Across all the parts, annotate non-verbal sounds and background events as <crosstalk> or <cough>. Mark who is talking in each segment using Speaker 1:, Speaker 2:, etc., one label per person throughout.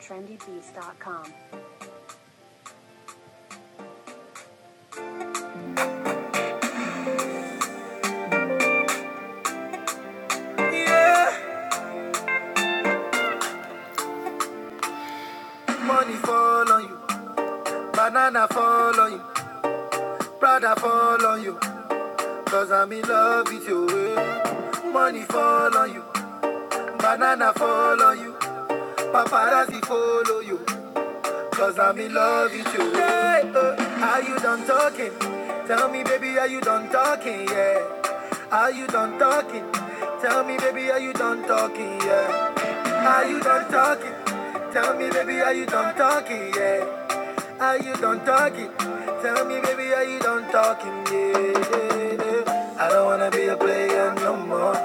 Speaker 1: trendybeats.com. Money fall on you, banana fall on you, brother fall on you, cause I'm in love with you. eh. Money fall on you, banana fall on you, paparazzi follow you. Cause I'm in love with you. Yeah, uh, are you done talking? Tell me, baby, are you done talking? Yeah. Are you done talking? Tell me, baby, are you done talking? Yeah. Are you done talking? Tell me, baby, are you done talking? Yeah. Are you done talking? Tell me, baby, are you done talking? Yeah. I don't wanna be a player no more.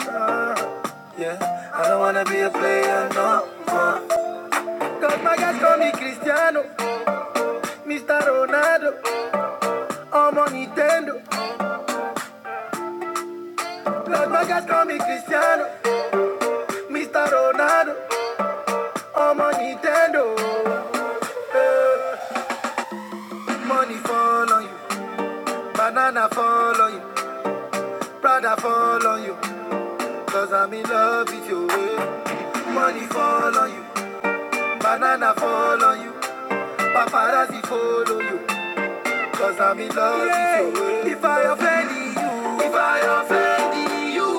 Speaker 1: Uh, yeah. I don't wanna be a player no more. Cause my guys call me Cristiano. Mr. Ronaldo, I'm on Nintendo. Las Vegas call me Cristiano. Mr. Ronaldo, I'm on Nintendo. Money fall on you, banana fall on you, Prada fall on you, cause I'm in love with you. eh. Money fall on you, banana fall on you, paparazzi follow you. Cause I'm in love with you. If I offend you, if I offend you,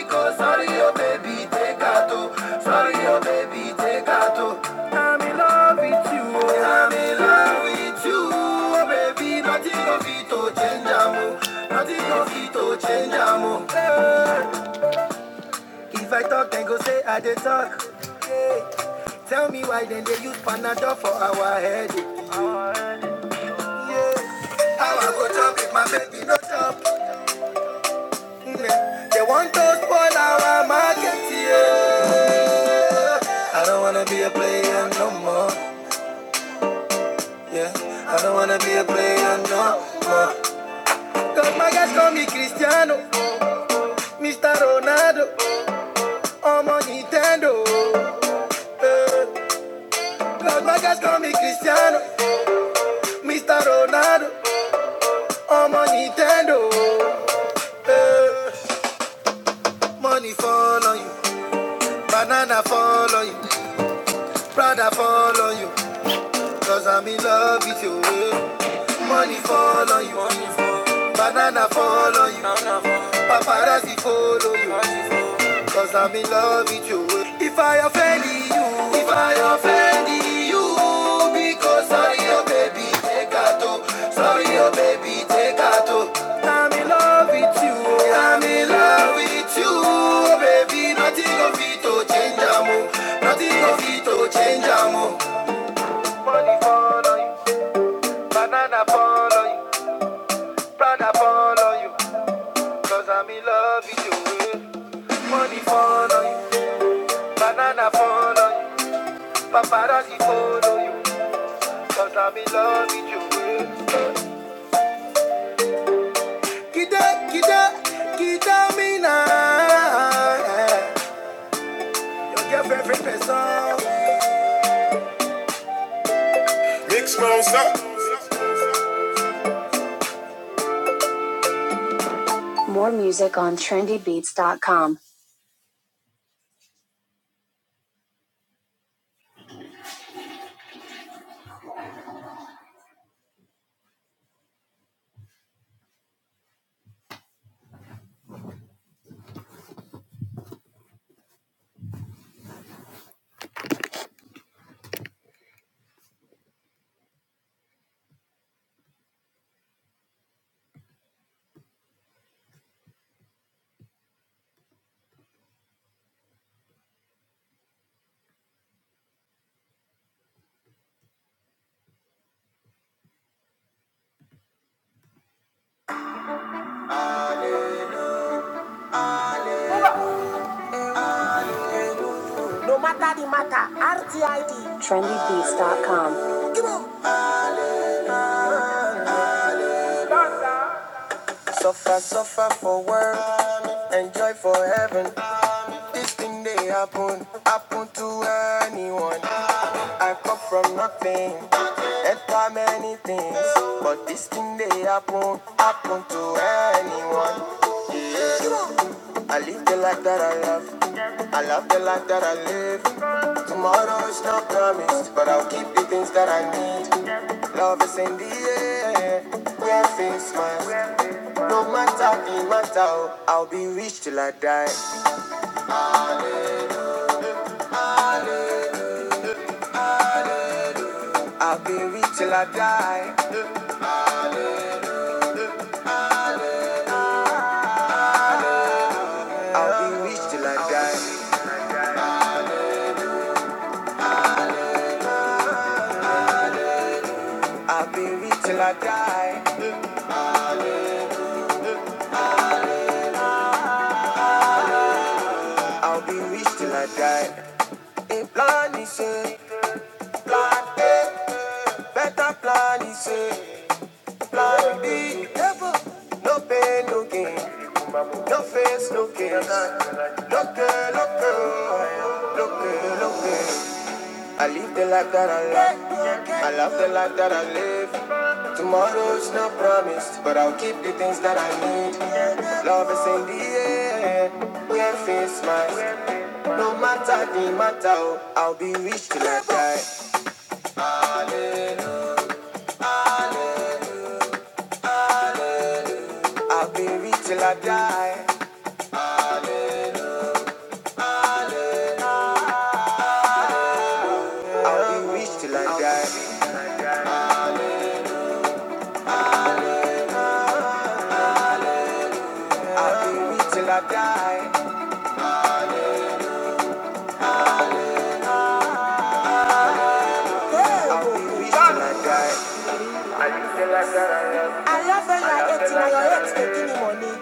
Speaker 1: because sorry, oh baby, take out. oh. Sorry, oh baby, take out. oh. I'm in love with you. oh. I'm in love with you, oh baby. Nothing of it to change, amo. Nothing of it to change, amo. Hey. If I talk, then go say I did talk. Hey. Tell me why then they use Panadol for our headache. Yeah. How I go chop if my baby no chop? Mm, They want to spoil our market, yeah. I don't wanna be a player no more, yeah. I don't wanna be a player no more. Cause my guys call me Cristiano, Mr. Ronaldo, I'm on my Nintendo. Cause my guys call me Cristiano, Mr. Ronaldo, I'm on Nintendo. Eh, money fall on you, banana fall on you, brother fall on you. Cause I'm in love with you. eh. Money fall on you. Banana fall on you. Paparazzi follow you. Cause I'm in love with you. eh. If I offend you, if I offend you, because sorry, your oh baby, take a toe. Sorry, your oh baby, take a toe. I'm in love with you. I'm in love with you, oh baby. Nothing of it to change, amo. Nothing of it to change, amo. Money fall on you. Banana fall on you, Prada fall on you, cause I'm in love with you. eh. Money fall on you, banana fall on you, paparazzi follow you, cause I'm in love with you. eh. Kita, kita, kita me eh. Your girlfriend, favorite person. Mix mouse up. More music on trendybeats.com. No matter the matter, RTID. Trendybeats.com. Suffer, suffer for work, enjoy for heaven. This thing they happen, happen to anyone. I come from nothing, enter many things. But this thing they happen, happen to anyone. I live the life that I love. I love the life that I live. Tomorrow is not promised, but I'll keep the things that I need. Love is in the air, where things must. No matter the matter, oh, I'll be rich till I die. I'll be rich till I die. I'll be rich till I die. I'll be rich till I die. I'll be rich till I die. A plan is a better plan is a. No no No no I live the life that I love. I love the life that I live. Tomorrow's not promised, but I'll keep the things that I need. Love is in yeah, it's mine. No matter the matter, oh, I'll be till I die. I'll be rich till I die. I'll be rich till I die. I'll be rich till I die. I love her like that till your ex taking the money.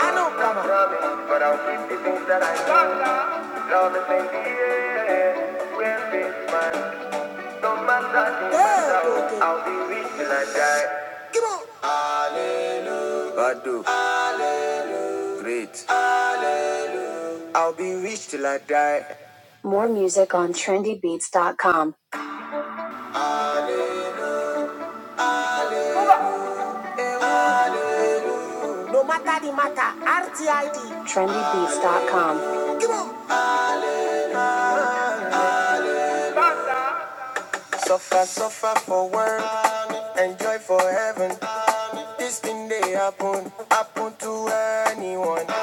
Speaker 1: I know, Brahma. Yeah, okay. Come great. I'll be rich till I die. More music on trendybeats.com. No matter the matter, RTID. Trendybeats.com. Come on. Suffer, suffer for work, enjoy for heaven. This thing they happen, happen to anyone.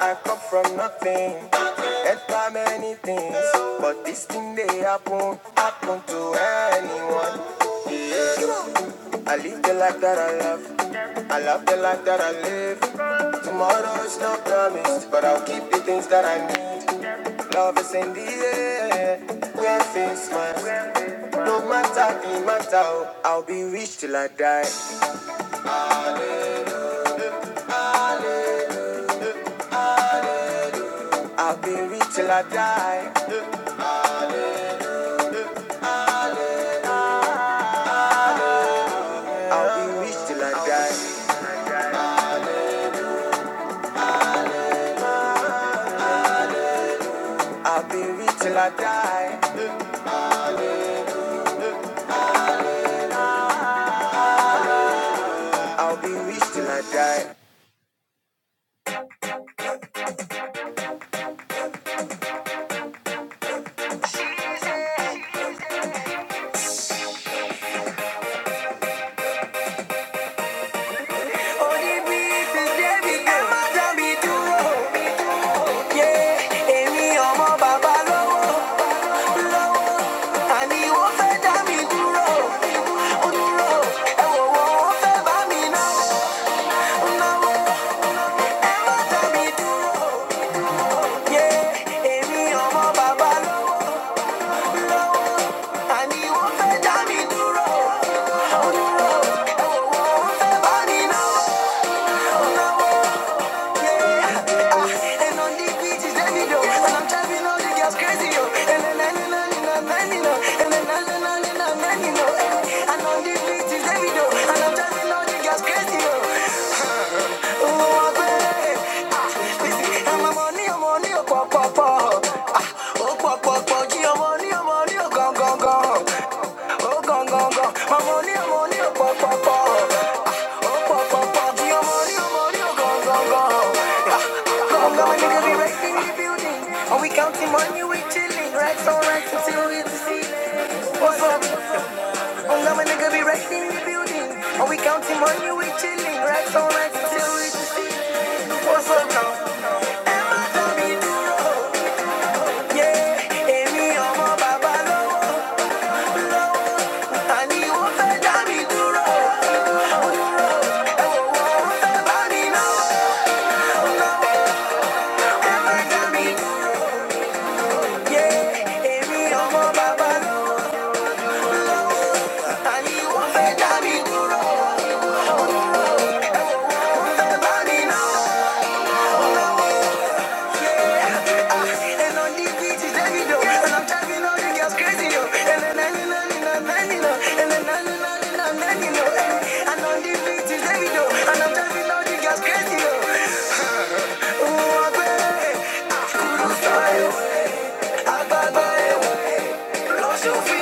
Speaker 1: I come from nothing, enter many things, but this thing they happen, happen to anyone. I live the life that I love, I love the life that I live. Tomorrow is not promised, but I'll keep the things that I need. Love is in the air, where things must. No matter the matter, I'll be rich till I die. I'll be rich till I die. I'll be rich till I die. I'll be rich till I die. I'll be rich till I die. Go, go, go. Oh, go, go, go. My money, oh, money, oh, pop, pop, pop. Oh, pop, pop, pop. Your money, your money, oh, go, go, go. Yeah. Go, go, my nigga, we right the building. And we counting money, we chilling. Racks on racks until we hit the ceiling. What's up? Oh, go, my nigga, we right the building. And we counting money, we chilling. Racks on racks until we hit the ceiling. What's up now? Emma, tell me, duro, eh, duro, eh, Èmi ọmọ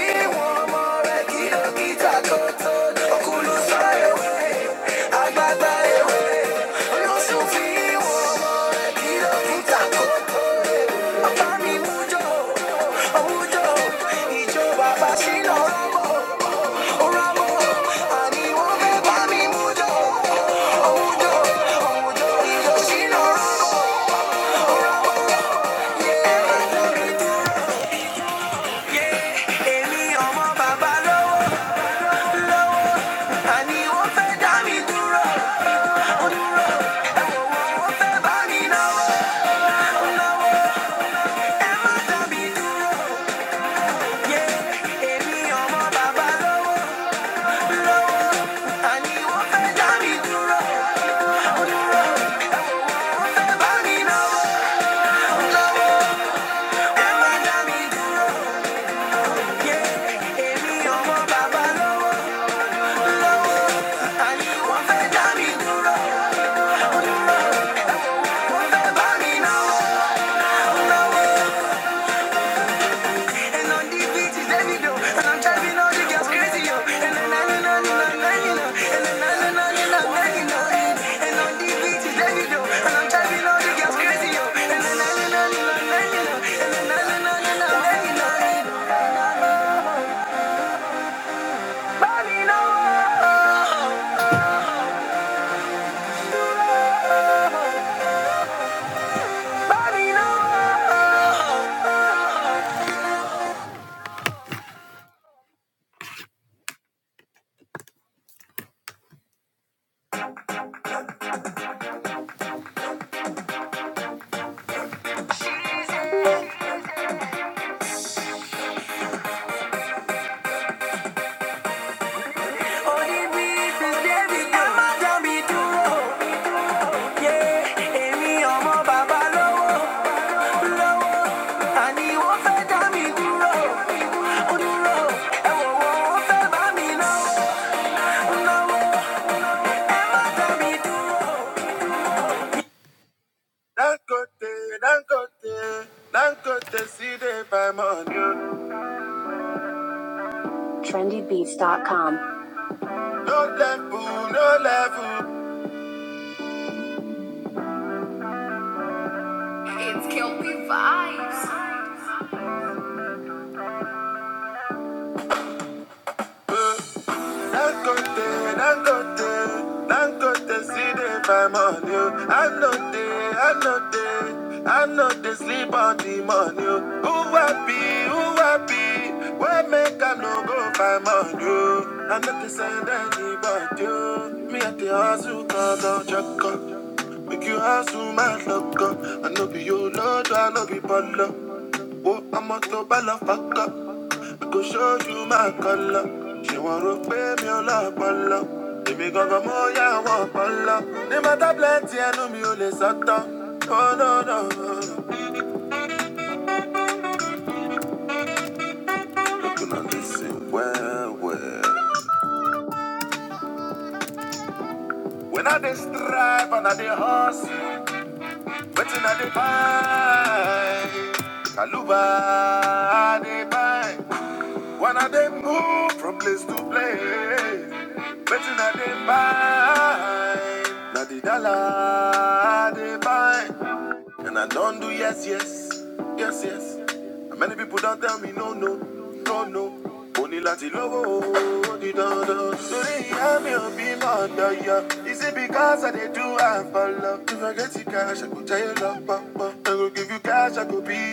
Speaker 1: bàbá lọ́wọ́, àní wọ́n fẹ́ dá mi dúró, wọ́n fẹ́ bá mi náwó. Yeah. yeah, yeah. And on these beaches, let And I'm driving all the girls crazy, yo. And then I know, I know, I know, you know. And then I know, I know, I know, you know. And and on these beaches, let me go. And I'm driving all the girls crazy, yo. And then I know, I know, I know, you know. And then I know, I know, I know, you know. And Bobby, no. Bobby, no. On these beaches, let me go. Ẹ má dá mi dúró. Yeah, èmi ọmọ bàbá lọ́wọ́. TrendyBeats.com. No level, no level. Dangote, Dangote, Dangote, see the fine money. oh. I know they, I know they, I know they sleep on the money. oh. Who happy, who happy? Where make I no go find money? oh. I know they send anybody. oh. Me at the hustle, cause I'm chuckle. Make you hustle, my love, girl. I know be your lord, I know be baller. Oh, I'm a to ball of back up. I go show you my color. She want to pay me a lot of love. Baby, go go more, yeah, I want for love. No matter plenty, I know me only sata. Oh, no, no. You know, listen well, well. When I dey strive and I dey hustle, waiting I dey find. Kaluba, I dey buy.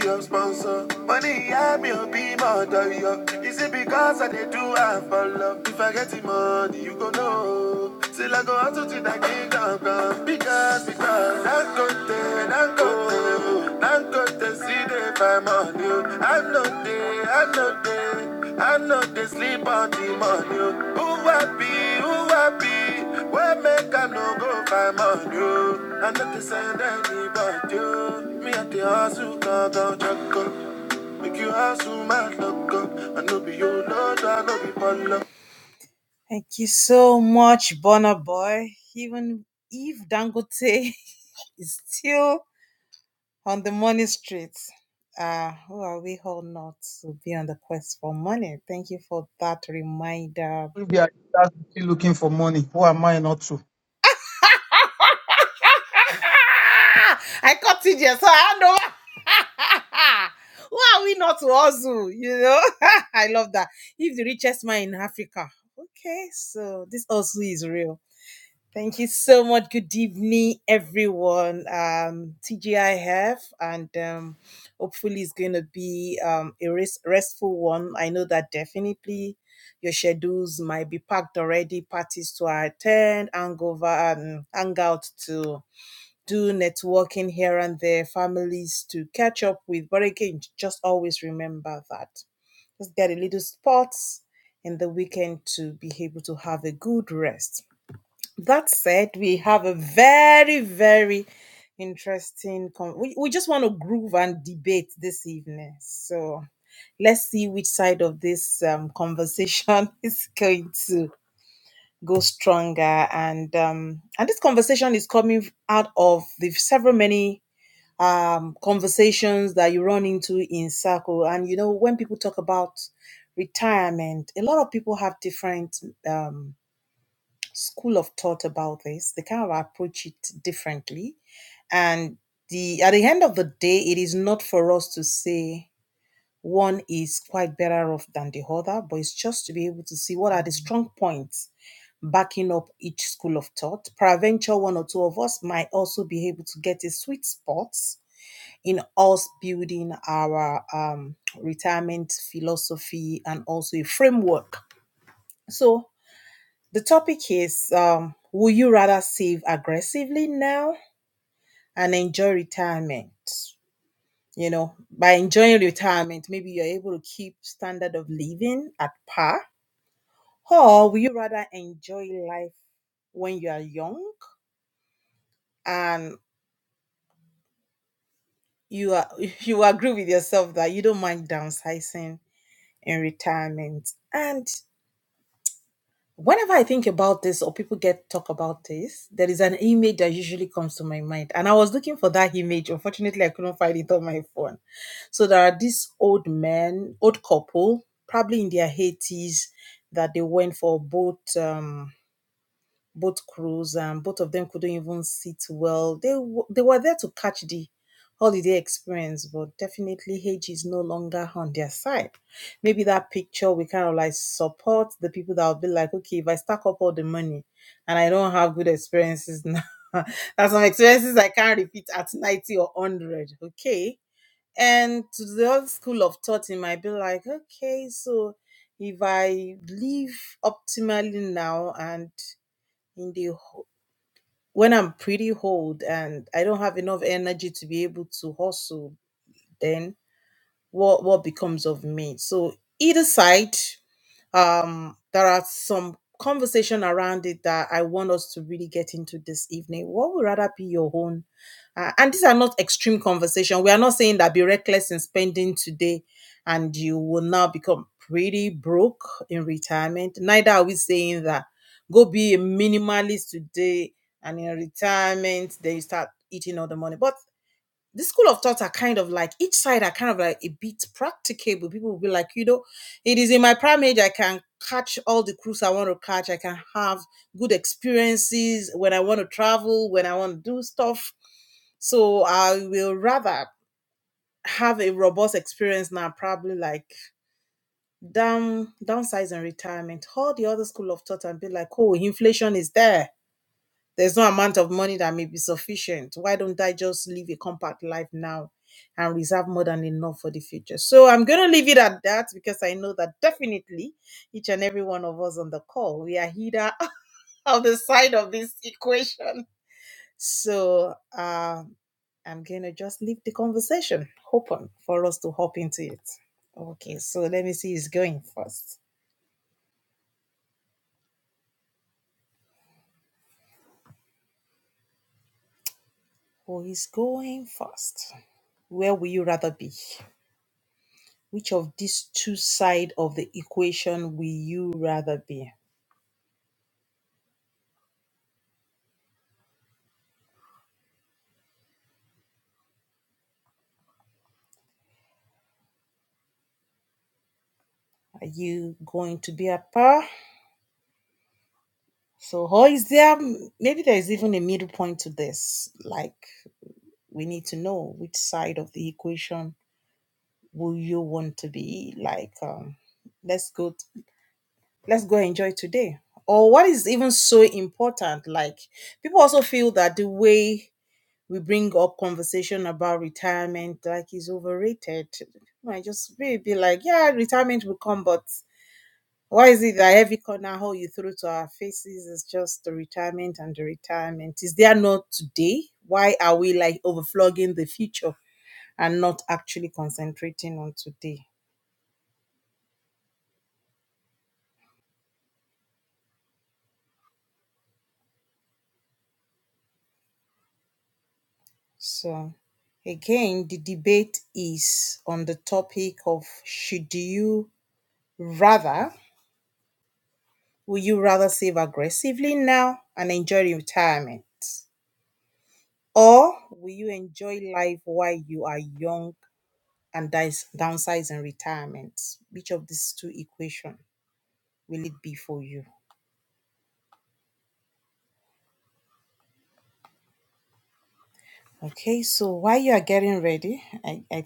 Speaker 1: your sponsor. Money, I'm your be my yo. Is it because I did do I for love? If I get the money, you go know. Till I go out to the kingdom come. Because, because, I'm good then, I'm good I'm good to see the fam on you. I know they, I know they, I know they sleep on the money. oh. Who happy, who happy? Where make I no go find money? oh? I know they send any.
Speaker 2: Maybe I still looking for money. Who am I not to?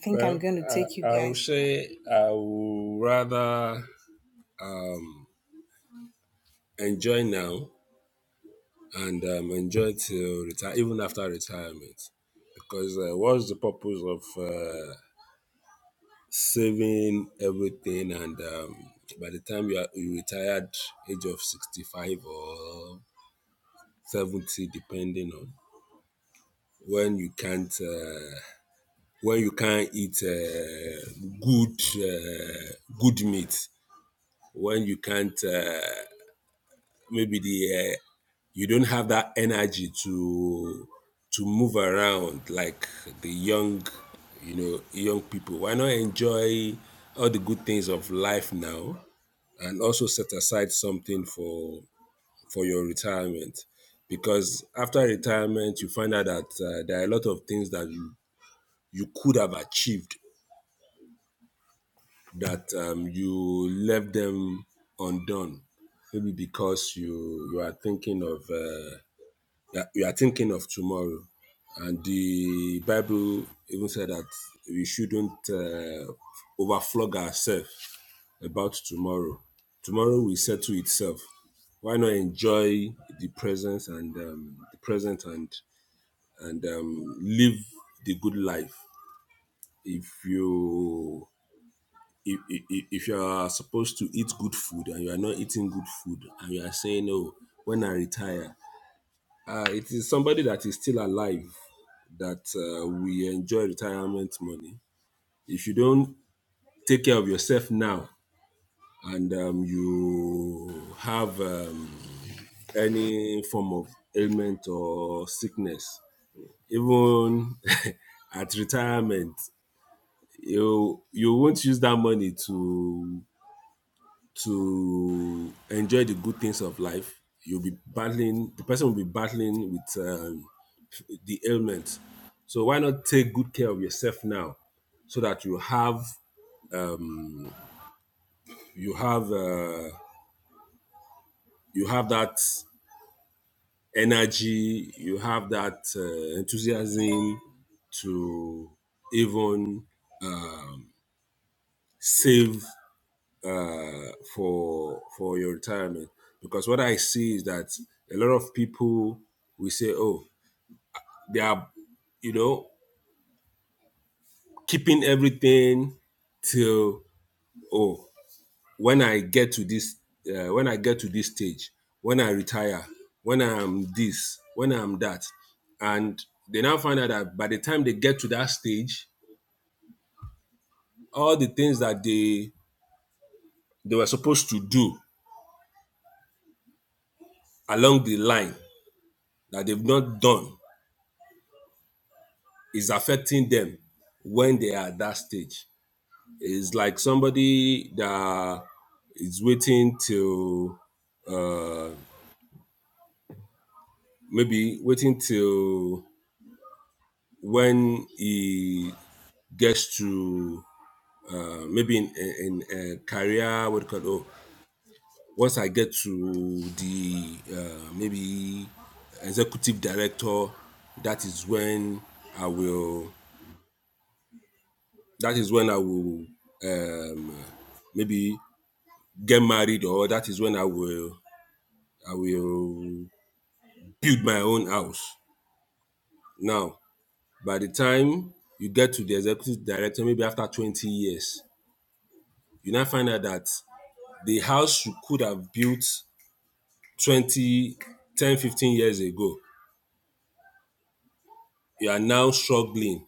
Speaker 3: Well, I, I would say I would rather um, enjoy now and um, enjoy till retire, even after retirement, because uh, what's the purpose of uh, saving everything and um, by the time you are you retired, age of sixty-five or seventy, depending on when you can't uh, when you can't eat uh, good uh, good meat when you can't uh, maybe the uh, you don't have that energy to to move around like the young you know young people why not enjoy all the good things of life now and also set aside something for for your retirement because after retirement you find out that uh, there are a lot of things that you, you could have achieved that um, you left them undone maybe because you you are thinking of uh, yeah, we are thinking of tomorrow. And the Bible even said that we shouldn't uh, overflog ourselves about tomorrow. Tomorrow will settle itself. Why not enjoy the presence and um, the present and and um, live the good life? If you if, if, if you are supposed to eat good food and you are not eating good food and you are saying, "Oh, when I retire," uh, it is somebody that is still alive that uh, we enjoy retirement money. If you don't take care of yourself now and um, you have um, any form of ailment or sickness, even <laughs> at retirement, you you won't use that money to to enjoy the good things of life. You'll be battling. The person will be battling with um, the ailment. So why not take good care of yourself now, so that you have um, you have uh, you have that energy, you have that uh, enthusiasm to even save uh, for for your retirement. Because what I see is that a lot of people will say, "Oh, they are, you know, keeping everything till oh." when I get to this, uh, when I get to this stage, when I retire, when I'm this, when I'm that, and they now find out that by the time they get to that stage, all the things that they they were supposed to do along the line that they've not done is affecting them when they are at that stage. It's like somebody that is waiting till uh, maybe waiting till when he gets to uh, maybe in in, in uh, career what do you call it? oh, once I get to the uh, maybe executive director, that is when I will. That is when I will um, maybe get married, or that is when I will I will build my own house. Now, by the time you get to the executive director, maybe after twenty years, you now find out that the house you could have built 20 10 15 years ago you are now struggling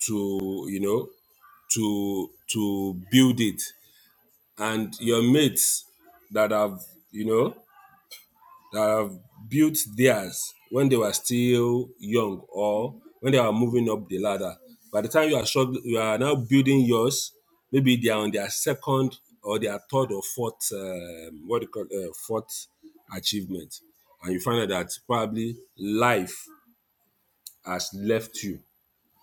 Speaker 3: to you know to to build it and your mates that have you know that have built theirs when they were still young or when they are moving up the ladder. By the time you are struggling, you are now building yours. Maybe they are on their second or their third or fourth, um, what do you call uh, fourth achievement, and you find out that probably life has left you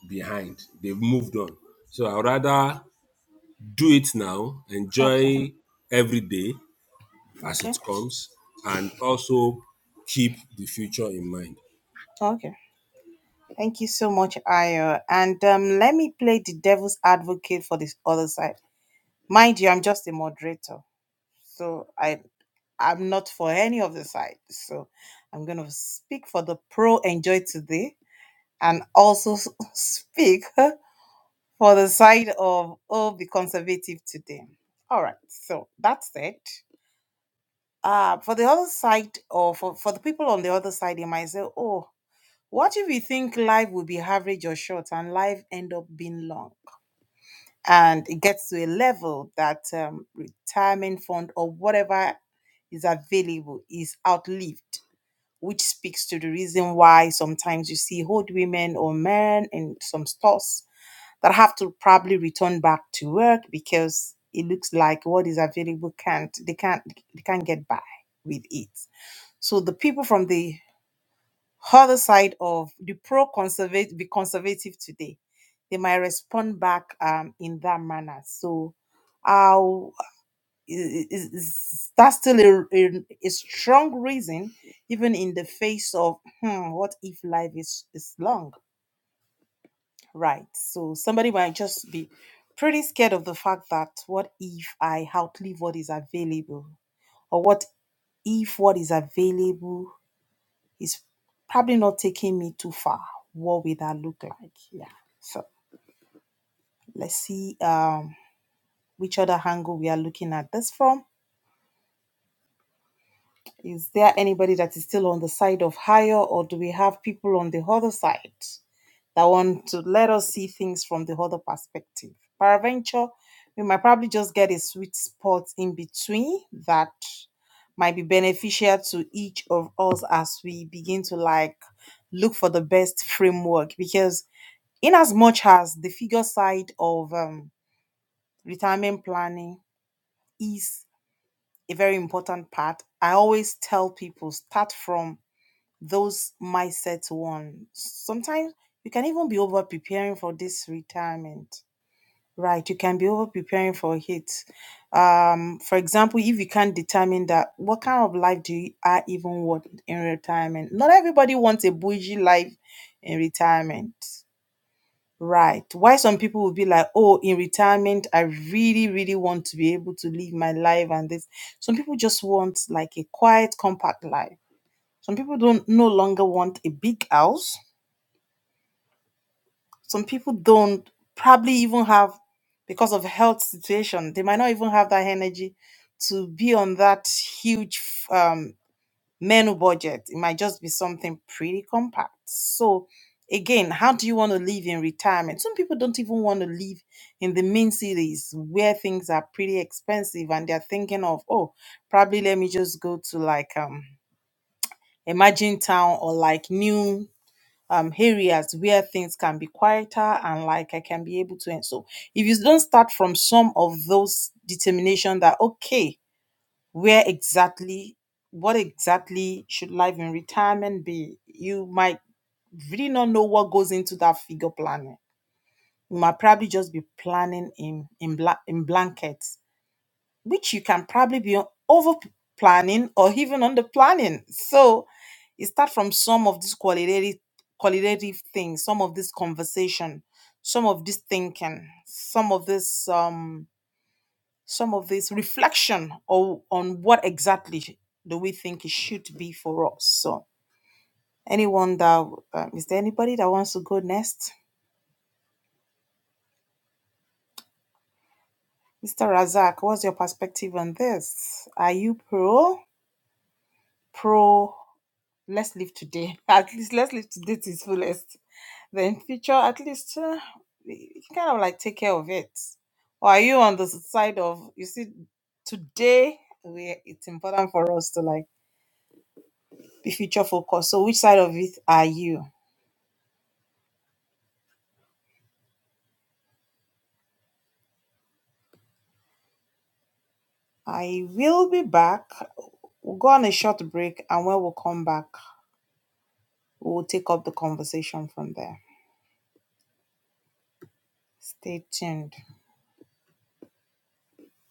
Speaker 3: behind. They've moved on. So I'd rather do it now, enjoy every day as it comes, and also keep the future in mind.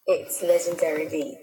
Speaker 1: It's legendary beats.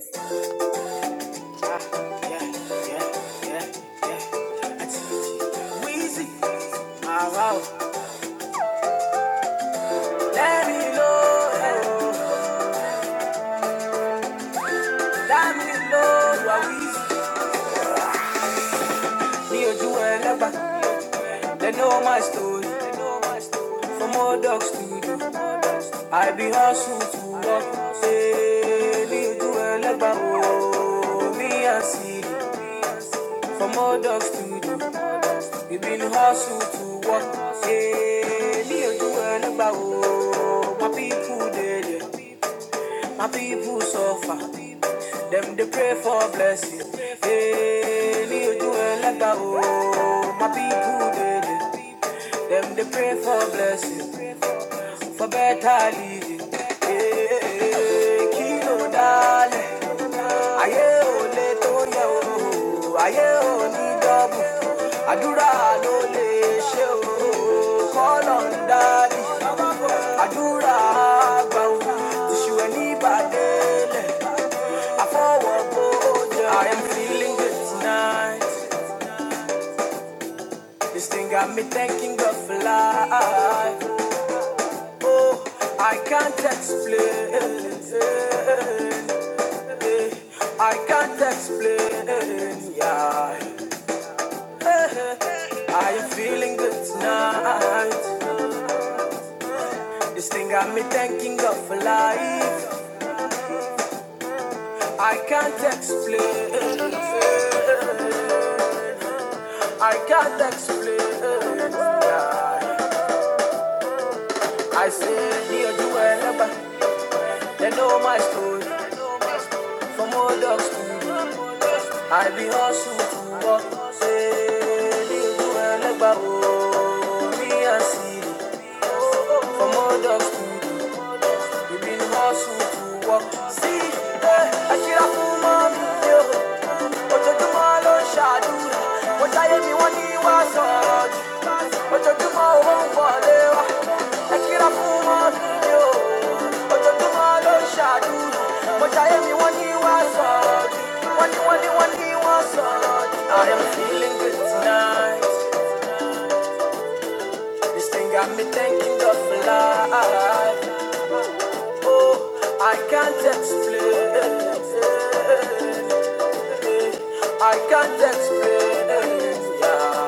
Speaker 1: explain, I can't explain, yeah. I am feeling good tonight. This thing got me thinking of life. I can't explain, I can't explain, yeah. I said, dear, you were They know my story. From old dog school. I be hustle to work. Say, they do the world about me and see. From old dog school eh, I I am feeling good tonight. This thing got me thinking of life. I can't explain. I can't explain. Yeah.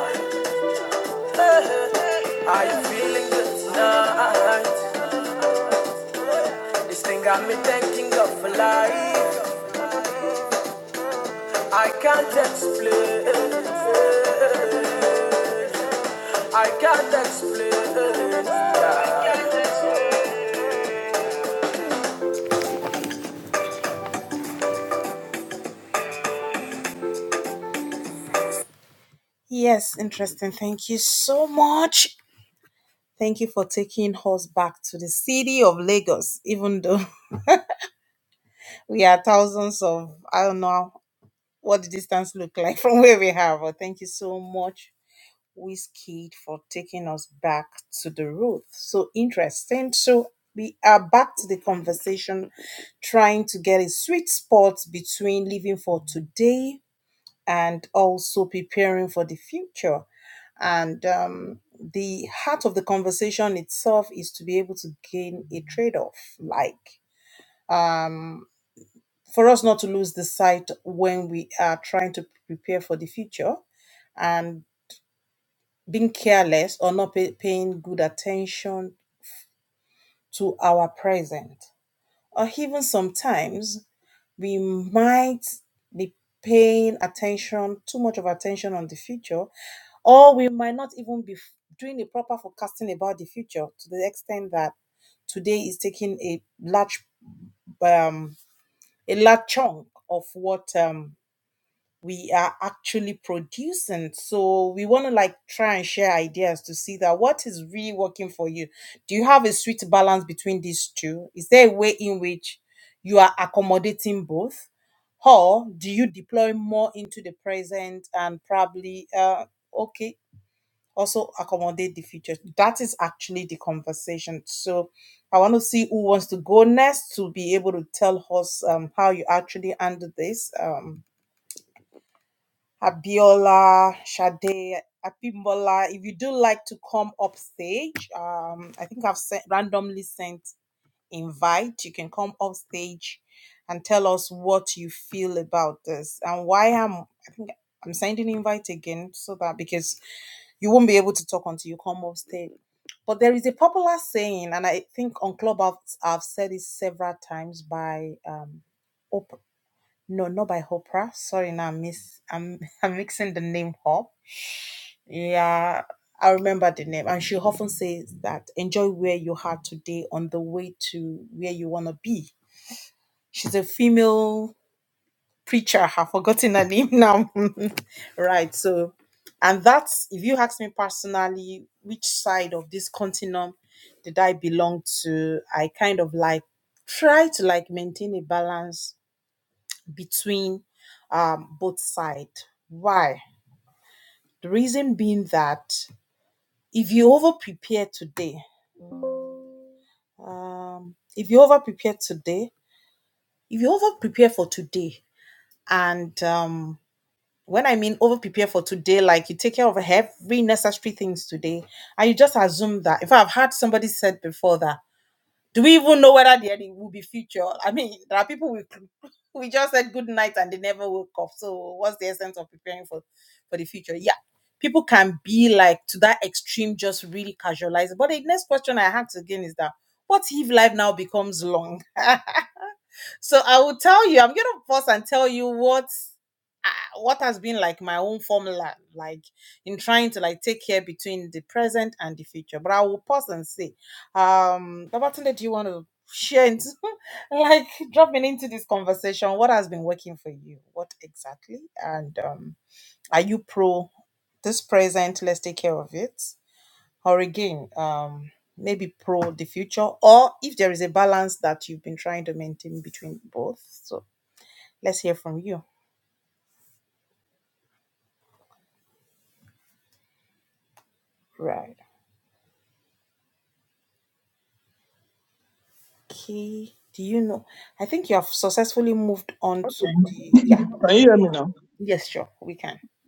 Speaker 4: Can you hear me now?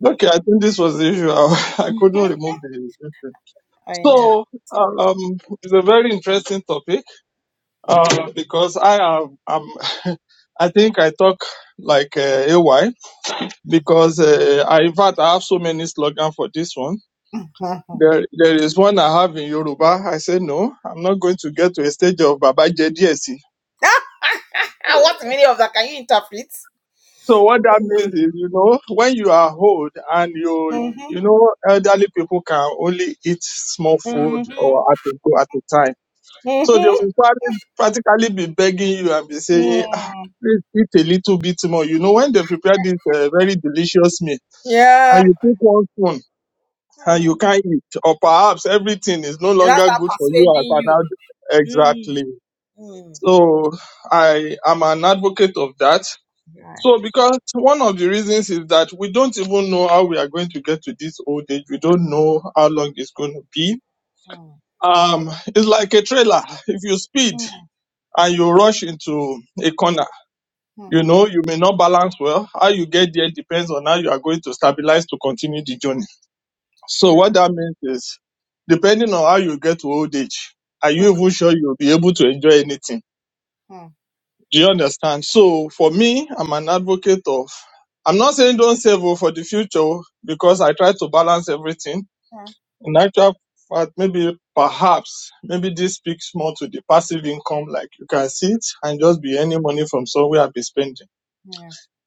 Speaker 4: Okay, I think this was the issue. <laughs> I, couldn't remove the. issue. So, um, it's a very interesting topic uh, because I am. am- <laughs> I think I talk like uh, AY because uh, I, in fact, I have so many slogans for this one. There, there is one I have in Yoruba. I say no, I'm not going to get to a stage of Baba JDSC. So what that means is, you know, when you are old and you, you know, elderly people can only eat small food or at a go at a time. So they will probably practically be begging you and be saying, ah, please eat a little bit more. You know, when they prepare this uh, very delicious meal and you pick one spoon and you can't eat, or perhaps everything is no longer good for you as an adult. Exactly. So I am an advocate of that so, because one of the reasons is that we don't even know how we are going to get to this old age. We don't know how long it's going to be. Um, it's like a trailer. If you speed and you rush into a corner, you know, you may not balance well. How you get there depends on how you are going to stabilize to continue the journey. So what that means is, depending on how you get to old age, are you even sure you'll be able to enjoy anything? Do you understand? So for me, I'm an advocate of, I'm not saying don't save oh, for the future oh, because I try to balance everything. In actual fact, maybe perhaps, maybe this speaks more to the passive income, like you can sit and just be any money from somewhere and be spending.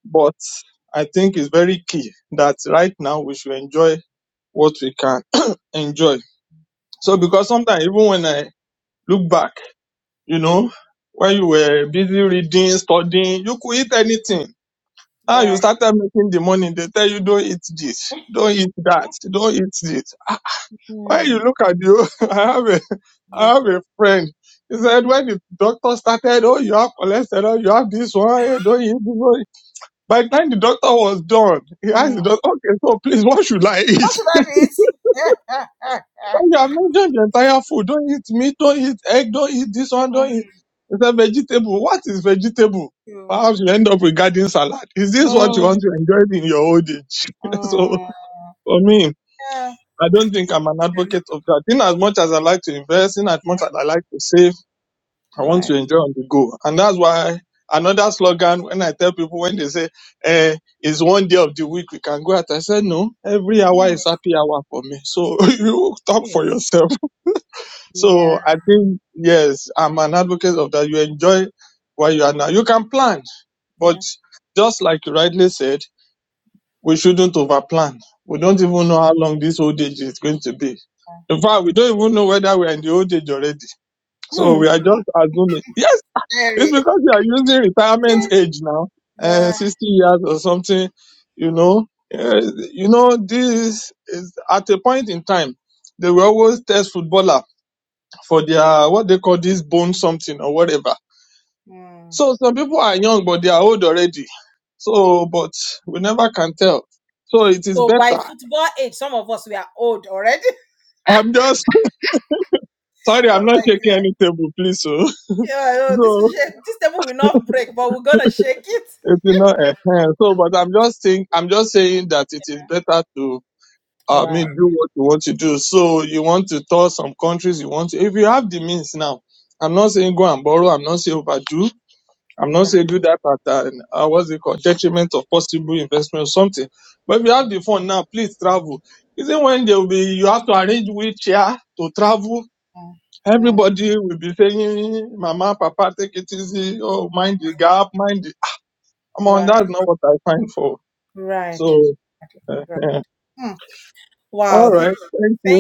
Speaker 4: But I think it's very key that right now we should enjoy what we can <clears throat> enjoy. So because sometimes even when I look back, you know, when you were busy reading, studying, you could eat anything Ah, you started making the money. They tell you don't eat this, don't eat that, don't eat this. When you look at you, <laughs> I have a, I have a friend. He said when the doctor started, oh, you have cholesterol, oh, you have this one, eh, don't eat this one. By the time the doctor was done, he asked the doctor, okay, so please, <laughs> what should I eat? <laughs> So you have mentioned the entire food. Don't eat meat, don't eat egg, don't eat this one, don't eat. He said vegetable. What is vegetable? Perhaps you end up with garden salad. Is this what you want to enjoy in your old age? <laughs> so. For me, I don't think I'm an advocate of that. In as much as I like to invest, in as much as I like to save, I want to enjoy on the go. And that's why another slogan when I tell people when they say, eh, it's one day of the week we can go out. I said, no, every hour is happy hour for me. So <laughs> you talk for yourself. So I think, yes, I'm an advocate of that. You enjoy where you are now. You can plan, but just like you rightly said, we shouldn't overplan. We don't even know how long this old age is going to be. In fact, we don't even know whether we are in the old age already. So we are just assuming. Yes, it's because you are using retirement age now, uh, 60 years or something, you know. Uh, you know, this is at a point in time, they will always test footballer for their, what they call this bone something or whatever. So some people are young, but they are old already. So, but we never can tell. So it is better. I'm just sorry, I'm not shaking any table, please. So, <laughs> so it's not uh, so, but I'm just saying, I'm just saying that it is better to, uh, I mean, do what you want to do. So you want to tour some countries, you want to, if you have the means now. I'm not saying go and borrow. I'm not saying overdo. I'm not saying do that at uh, uh, what's it called detriment of possible investment or something. But if you have the fund now, please travel. Isn't when they will be you have to arrange wheelchair to travel Everybody will be saying, Mama, Papa, take it easy. Oh, mind the gap, mind the. Come on, that's not what I find for. So, uh, <laughs> all right, thank you.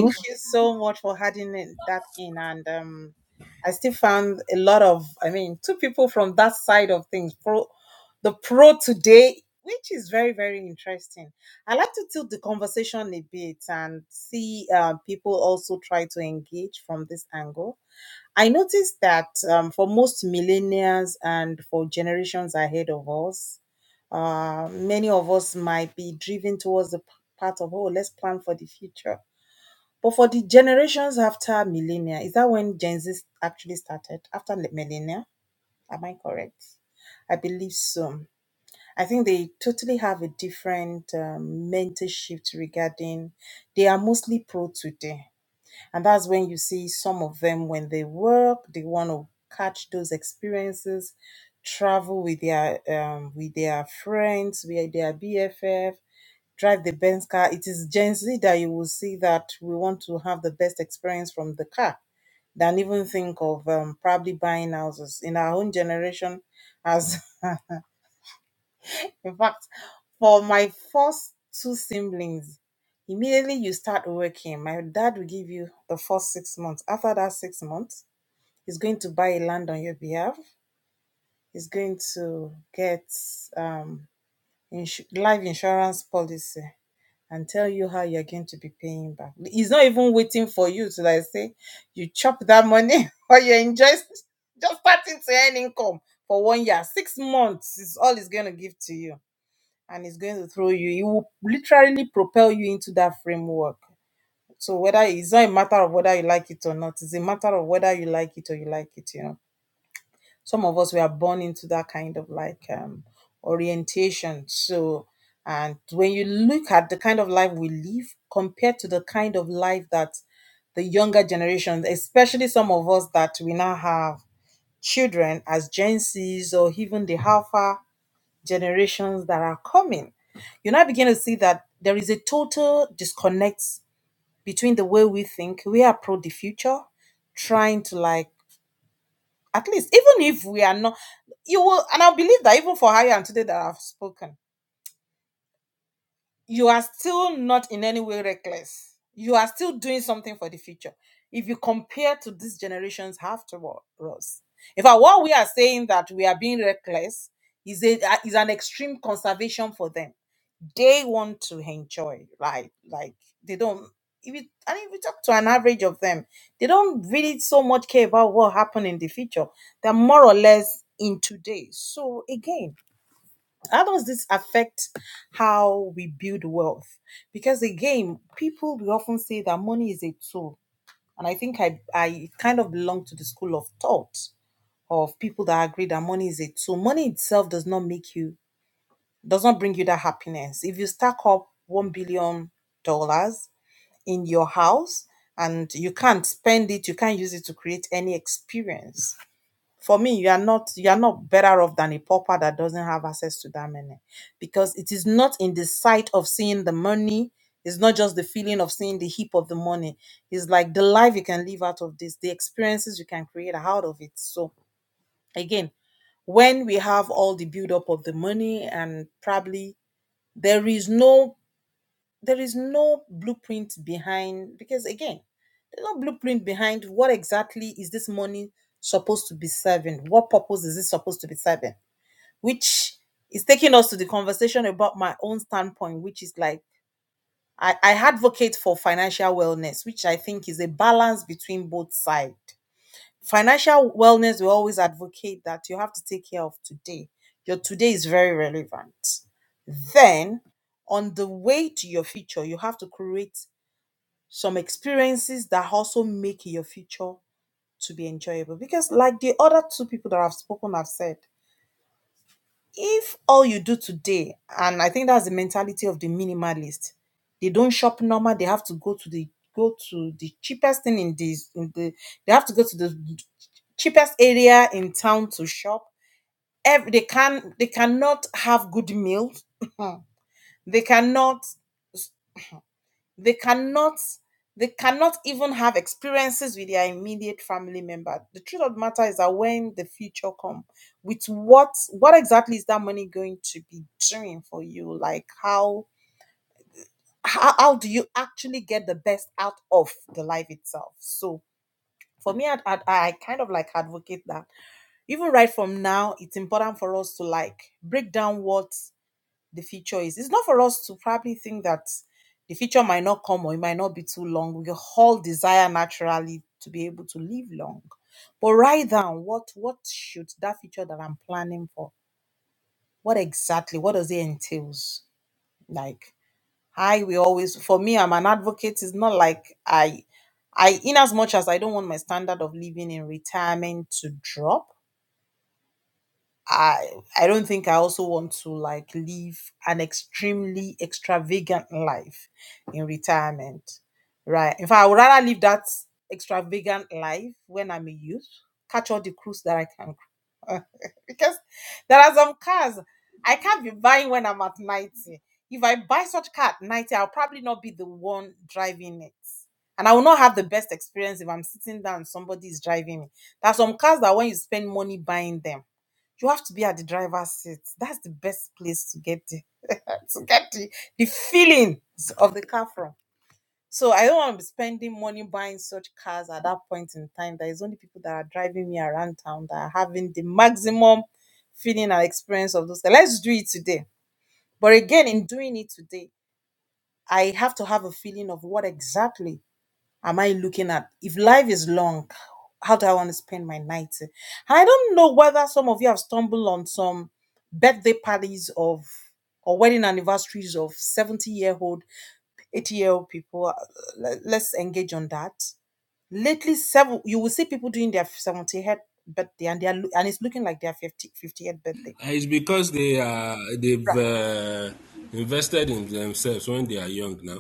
Speaker 3: Uh, It's because they are they've uh, invested in themselves when they are young now.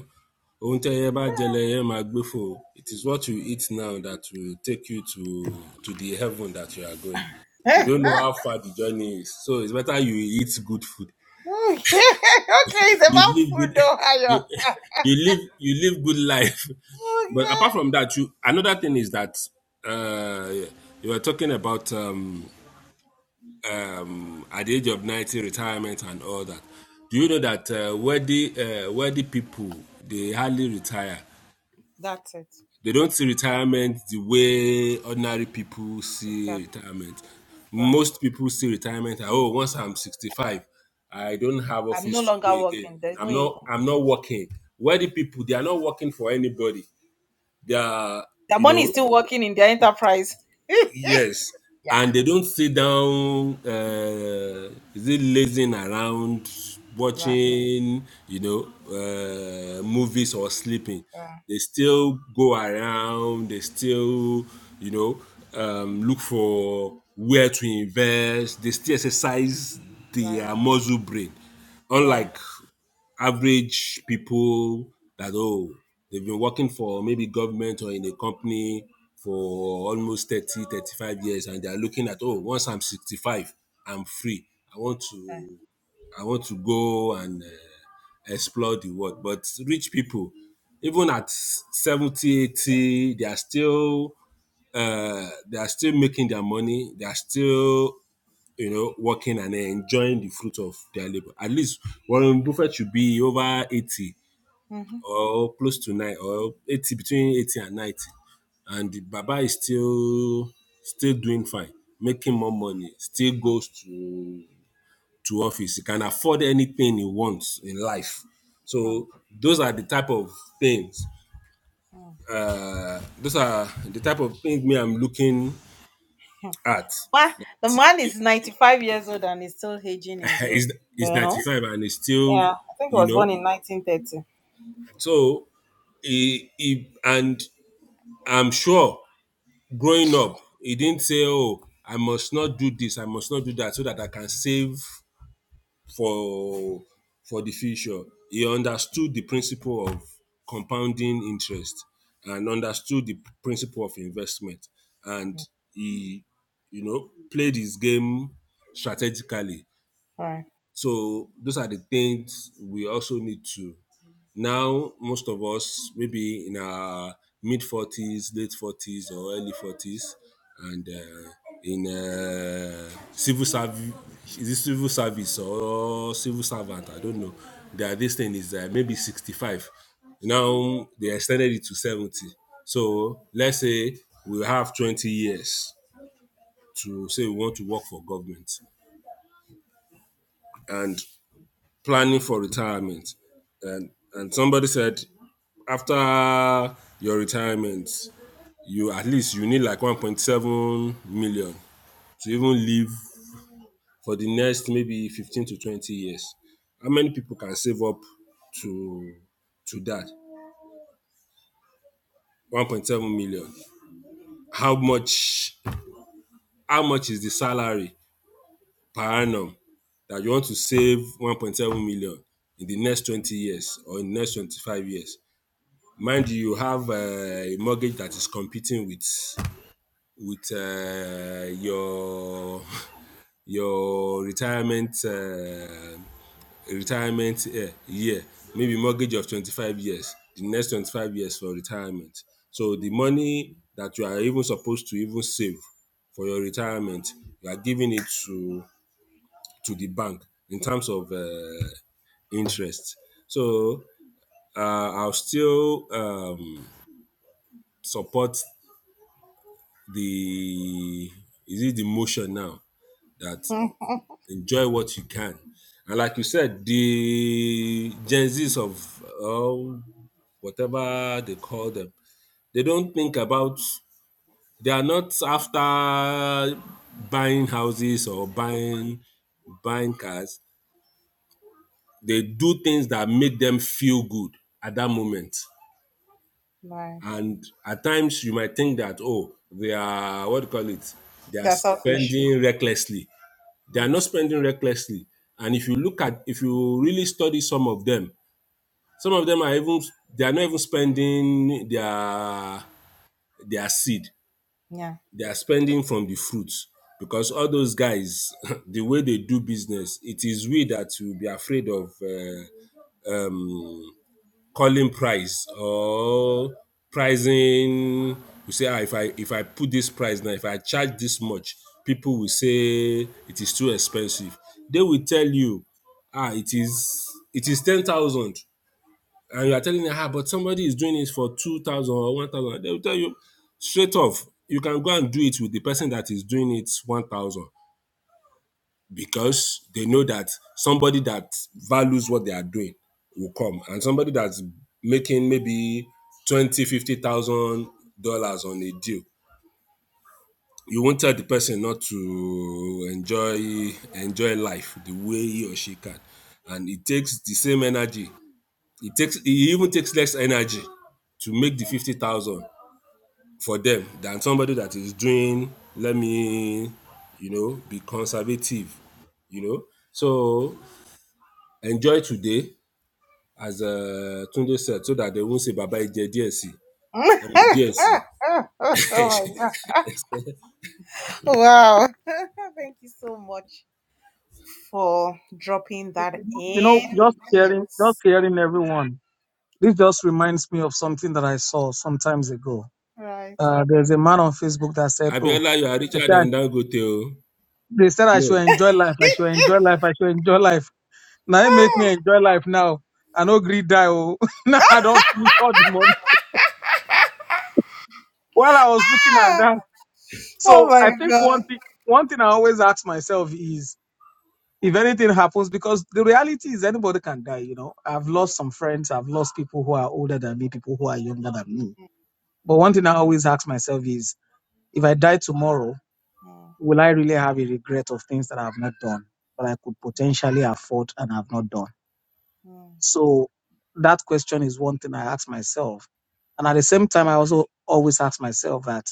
Speaker 3: Ohun tẹ́ ẹ bá jẹ lẹ ẹ máa gbé fò. It is what you eat now that will take you to to the heaven that you are going. You don't know how far the journey is, so it's better you eat good food. You live good, <laughs> you, you live you live good life. <laughs> But apart from that, you another thing is that uh, you were talking about. Um, at the age of 90, retirement and all that. Do you know that uh, wealthy, uh, wealthy people, they hardly retire? They don't see retirement the way ordinary people see retirement. Most people see retirement, as oh, once I'm 65, I don't have office to go again. I'm not, I'm not working. Wealthy people, they are not working for anybody. They are, you know, Yes, and they don't sit down. Uh, is it lazing around, watching, you know, uh, movies or sleeping? They still go around. They still, you know, um, look for where to invest. They still exercise their muscle brain, unlike average people that oh they've been working for maybe government or in a company for almost 30, 35 years and they're looking at oh once i'm 65 i'm free i want to i want to go and uh, explore the world but rich people even at 70, 80, they are still uh, they are still making their money they are still you know, working and enjoying the fruit of their labor. At least Warren Buffett should be over 80 or close to 9 or 80 between 80 and 90. And the Baba is still still doing fine, making more money, still goes to to office. He can afford anything he wants in life. So those are the type of things. Uh, those are the type of things me I'm looking at. <laughs> Is is 95 and is still, you know, So he he and I'm sure growing up, he didn't say, "Oh, I must not do this. I must not do that, so that I can save for for the future." He understood the principle of compounding interest and understood the principle of investment, and he, you know, played his game strategically so those are the things we also need to. Now, most of us, maybe in our mid 40s, late 40s, or early 40s, and uh, in uh, civil service, is it civil service or civil servant? I don't know. That this thing is uh, maybe 65. Now they extended it to 70. So let's say we have 20 years to say we want to work for government. And planning for retirement and and somebody said after your retirement you at least you need like 1.7 million to even live for the next maybe 15 to 20 years how many people can save up to to that 1.7 million how much how much is the salary per annum that you want to save 1.7 million in the next 20 years or in the next 25 years mind you you have uh, a mortgage that is competing with with uh, your your retirement uh, retirement uh, year maybe mortgage of 25 years the next 25 years for retirement so the money that you are even supposed to even save for your retirement you are giving it to to the bank in terms of uh, interest so uh, i'll still um, support the is it the motion now that enjoy what you can and like you said the gen z's of uh, whatever they call them they don't think about they are not after buying houses or buying buying cars they do things that make them feel good at that moment and at times you might think that oh they are what do you call it they are spending recklessly They are not spending recklessly. And if you look at, if you really study some of them, some of them are even, they are not even spending their, their seed. They are spending from the fruits. Because all those guys, <laughs> the way they do business, it is we that will be afraid of uh, um, calling price or pricing you say ah if i if i put this price now if i charge this much people will say it is too expensive they will tell you ah it is it is ten thousand and you are telling them ah but somebody is doing it for two thousand or one thousand they will tell you straight off you can go and do it with the person that is doing it one thousand because they know that somebody that values what they are doing will come and somebody that's making maybe 20, 50000 dollars on a deal you won't tell the person not to enjoy enjoy life the way he or she can and it takes the same energy it takes it even takes less energy to make the 50000 for them than somebody that is doing let me you know be conservative you know so enjoy today as uh, Tunde said so that they won't say baba ije díẹ̀ sí ẹmu díẹ̀ sí. <laughs>
Speaker 2: You know, just hearing, just hearing everyone. This just reminds me of something that I saw some times ago. Uh, there's a man on Facebook that said, "Oh,
Speaker 3: Abiola you are
Speaker 2: they
Speaker 3: richer
Speaker 2: said, I,
Speaker 3: than Dangote o.
Speaker 2: they said I
Speaker 3: No.
Speaker 2: should enjoy life. I should enjoy life. I should enjoy life. Now it make me enjoy life now. I no greed die. Oh, <laughs> now I don't finish all the money." While I was looking at that, so I think one thing, one thing I always ask myself is. if anything happens, because the reality is anybody can die, you know. I've lost some friends, I've lost people who are older than me, people who are younger than me. But one thing I always ask myself is if I die tomorrow, will I really have a regret of things that I have not done, that I could potentially afford and have not done? So that question is one thing I ask myself. And at the same time, I also always ask myself that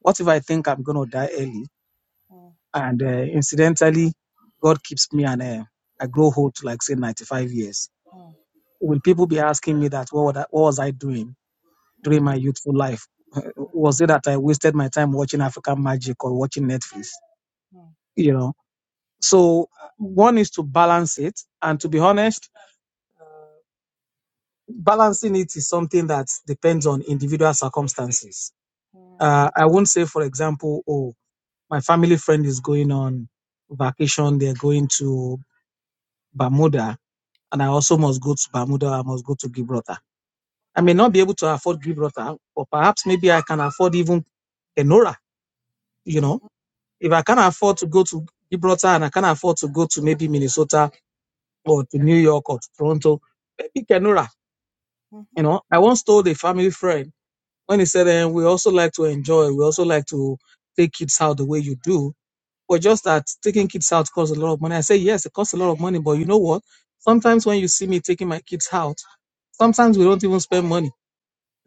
Speaker 2: what if I think I'm going to die early and uh, incidentally, God keeps me and uh, I grow old to like say 95 years? will people be asking me that what, would I, what was I doing during my youthful life? <laughs> Was it that I wasted my time watching African Magic or watching Netflix? You know, so uh, one is to balance it, and to be honest, balancing it is something that depends on individual circumstances. Uh, I won't say, for example, oh, my family friend is going on vacation; they're going to Bermuda, and I also must go to Bermuda. I must go to Gibraltar. I may not be able to afford Gibraltar, or perhaps maybe I can afford even Kenora, you know, if I can't afford to go to Gibraltar and I can't afford to go to maybe Minnesota or to New York or to Toronto, maybe Kenora, you know. I once told a family friend when he said, eh, we also like to enjoy, we also like to take kids out the way you do. But just that taking kids out costs a lot of money. I say, yes, it costs a lot of money, but you know what? Sometimes when you see me taking my kids out, sometimes we don't even spend money,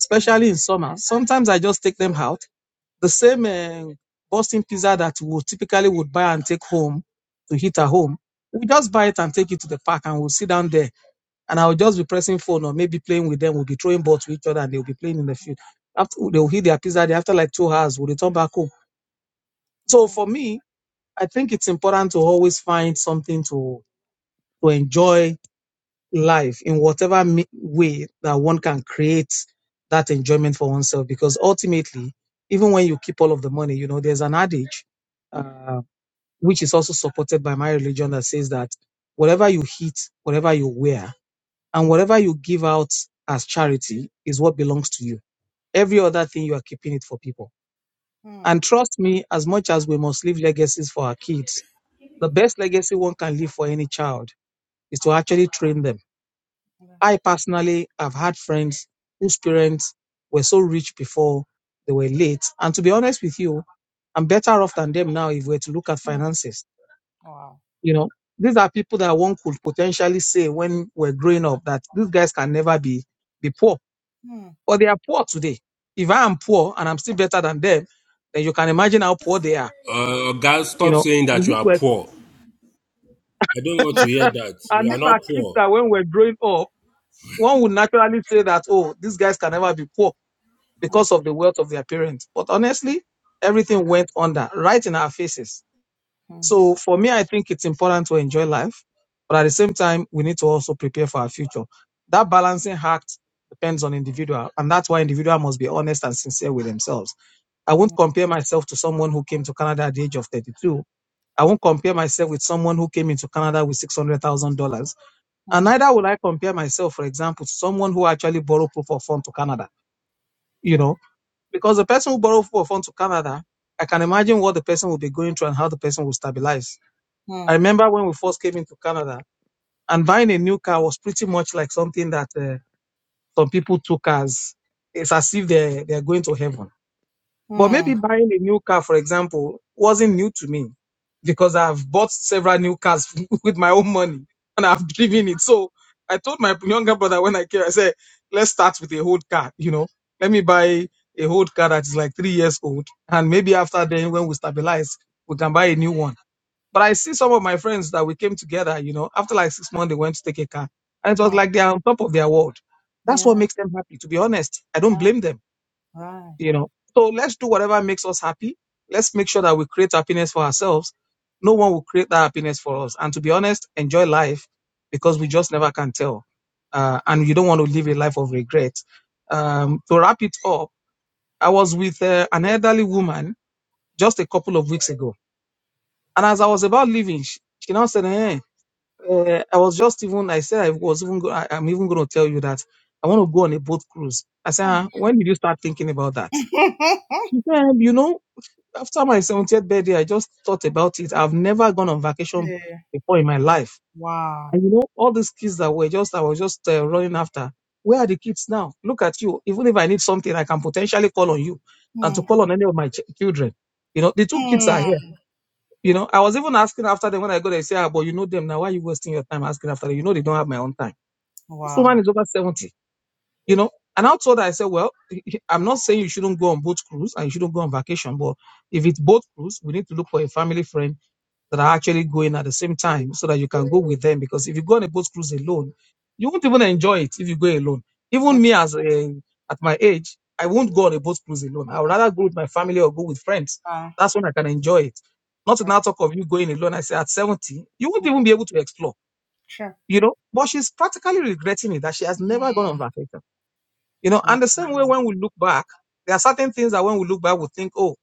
Speaker 2: especially in summer. Sometimes I just take them out the same uh, Boston pizza that we typically would buy and take home to eat at home. We just buy it and take it to the park and we'll sit down there. And I'll just be pressing phone or maybe playing with them. We'll be throwing balls to each other and they'll be playing in the field. After they'll eat their pizza, there after like two hours, we'll return back home. So for me, I think it's important to always find something to to enjoy life in whatever me- way that one can create that enjoyment for oneself. Because ultimately, even when you keep all of the money, you know, there's an adage, uh, which is also supported by my religion that says that whatever you eat, whatever you wear, and whatever you give out as charity is what belongs to you. Every other thing you are keeping it for people. And trust me, as much as we must leave legacies for our kids, the best legacy one can leave for any child is to actually train them I personally have had friends whose parents were so rich before they were late. And to be honest with you, I'm better off than them now if we're to look at finances. You know, these are people that one could potentially say when we're growing up that these guys can never be be poor. But they are poor today. If I am poor and I'm still better than them, then you can imagine how poor they are.
Speaker 3: Uh, Oga
Speaker 2: You
Speaker 3: stop
Speaker 2: know,
Speaker 3: saying that you
Speaker 2: Mhm.
Speaker 3: are
Speaker 2: Well,
Speaker 3: poor. I don't want to hear that.
Speaker 2: and
Speaker 3: You
Speaker 2: these
Speaker 3: are
Speaker 2: are
Speaker 3: not
Speaker 2: kids
Speaker 3: poor.
Speaker 2: that when we're growing up, one would naturally say that, oh, these guys can never be poor because of the wealth of their parents. But honestly, everything went under right in our faces. So for me, I think it's important to enjoy life, but at the same time, we need to also prepare for our future. That balancing act depends on individual, and that's why individual must be honest and sincere with themselves. I won't compare myself to someone who came to Canada at the age of 32. I won't compare myself with someone who came into Canada with $600,000. And neither will I compare myself, for example, to someone who actually borrowed proof of fund to Canada. You know, because the person who borrowed for a phone to Canada, I can imagine what the person will be going through and how the person will stabilize. I remember when we first came into Canada and buying a new car was pretty much like something that uh, some people took as it's as if they're, they're going to heaven but maybe buying a new car, for example, wasn't new to me because I've bought several new cars <laughs> with my own money and I've driven it. So I told my younger brother when I came, I said, let's start with a old car, you know, let me buy a old car that is like three years old. And maybe after then, when we stabilize, we can buy a new one. But I see some of my friends that we came together, you know, after like six months, they went to take a car and it was like they are on top of their world. That's what makes them happy. To be honest, I don't blame them you know so let's do whatever makes us happy let's make sure that we create happiness for ourselves no one will create that happiness for us and to be honest enjoy life because we just never can tell uh, and you don't want to live a life of regret um, to wrap it up i was with uh, an elderly woman just a couple of weeks ago and as i was about leaving she, she now said hey, uh, i was just even i said i was even go- I, i'm even going to tell you that i want to go on a boat cruise i said "Ah, when did you start thinking about that she said you know after my 70th birthday, I just thought about it. I've never gone on vacation before in my life. And you know, all these kids that were just, I was just uh, running after. Where are the kids now? Look at you. Even if I need something, I can potentially call on you and to call on any of my ch- children. You know, the two kids are here. You know, I was even asking after them when I go, they say, ah, but you know them now. Why are you wasting your time asking after them? You know, they don't have my own time. This woman is over 70 you know. And out of that, I said, well, I'm not saying you shouldn't go on boat cruise and you shouldn't go on vacation, but if it's boat cruise, we need to look for a family friend that are actually going at the same time so that you can go with them. Because if you go on a boat cruise alone, you won't even enjoy it if you go alone. Even me, as a, at my age, I won't go on a boat cruise alone. I would rather go with my family or go with friends. That's when I can enjoy it. Not to now talk of you going alone. I say at 70, you won't even be able to explore, you know. But she's practically regretting it that she has never gone on vacation you know, and the same way when we look back, there are certain things that when we look back, we think, oh,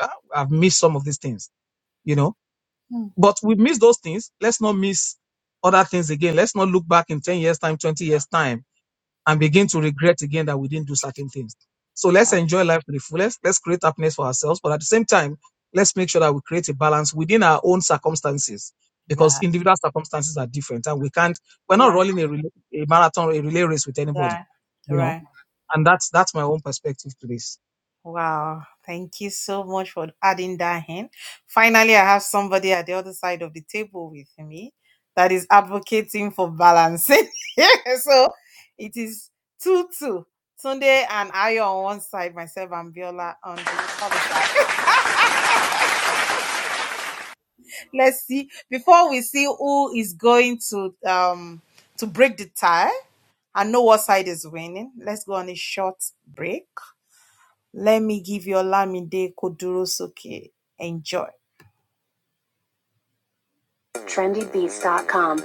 Speaker 2: ah, I've missed some of these things, you know. But we miss those things. Let's not miss other things again. Let's not look back in 10 years' time, 20 years' time, and begin to regret again that we didn't do certain things. So let's enjoy life to the fullest. Let's create happiness for ourselves. But at the same time, let's make sure that we create a balance within our own circumstances because individual circumstances are different and we can't, we're not running a, relay, a marathon, a relay race with anybody, you know and that's that's my own perspective to this.
Speaker 1: Trendybeats.com.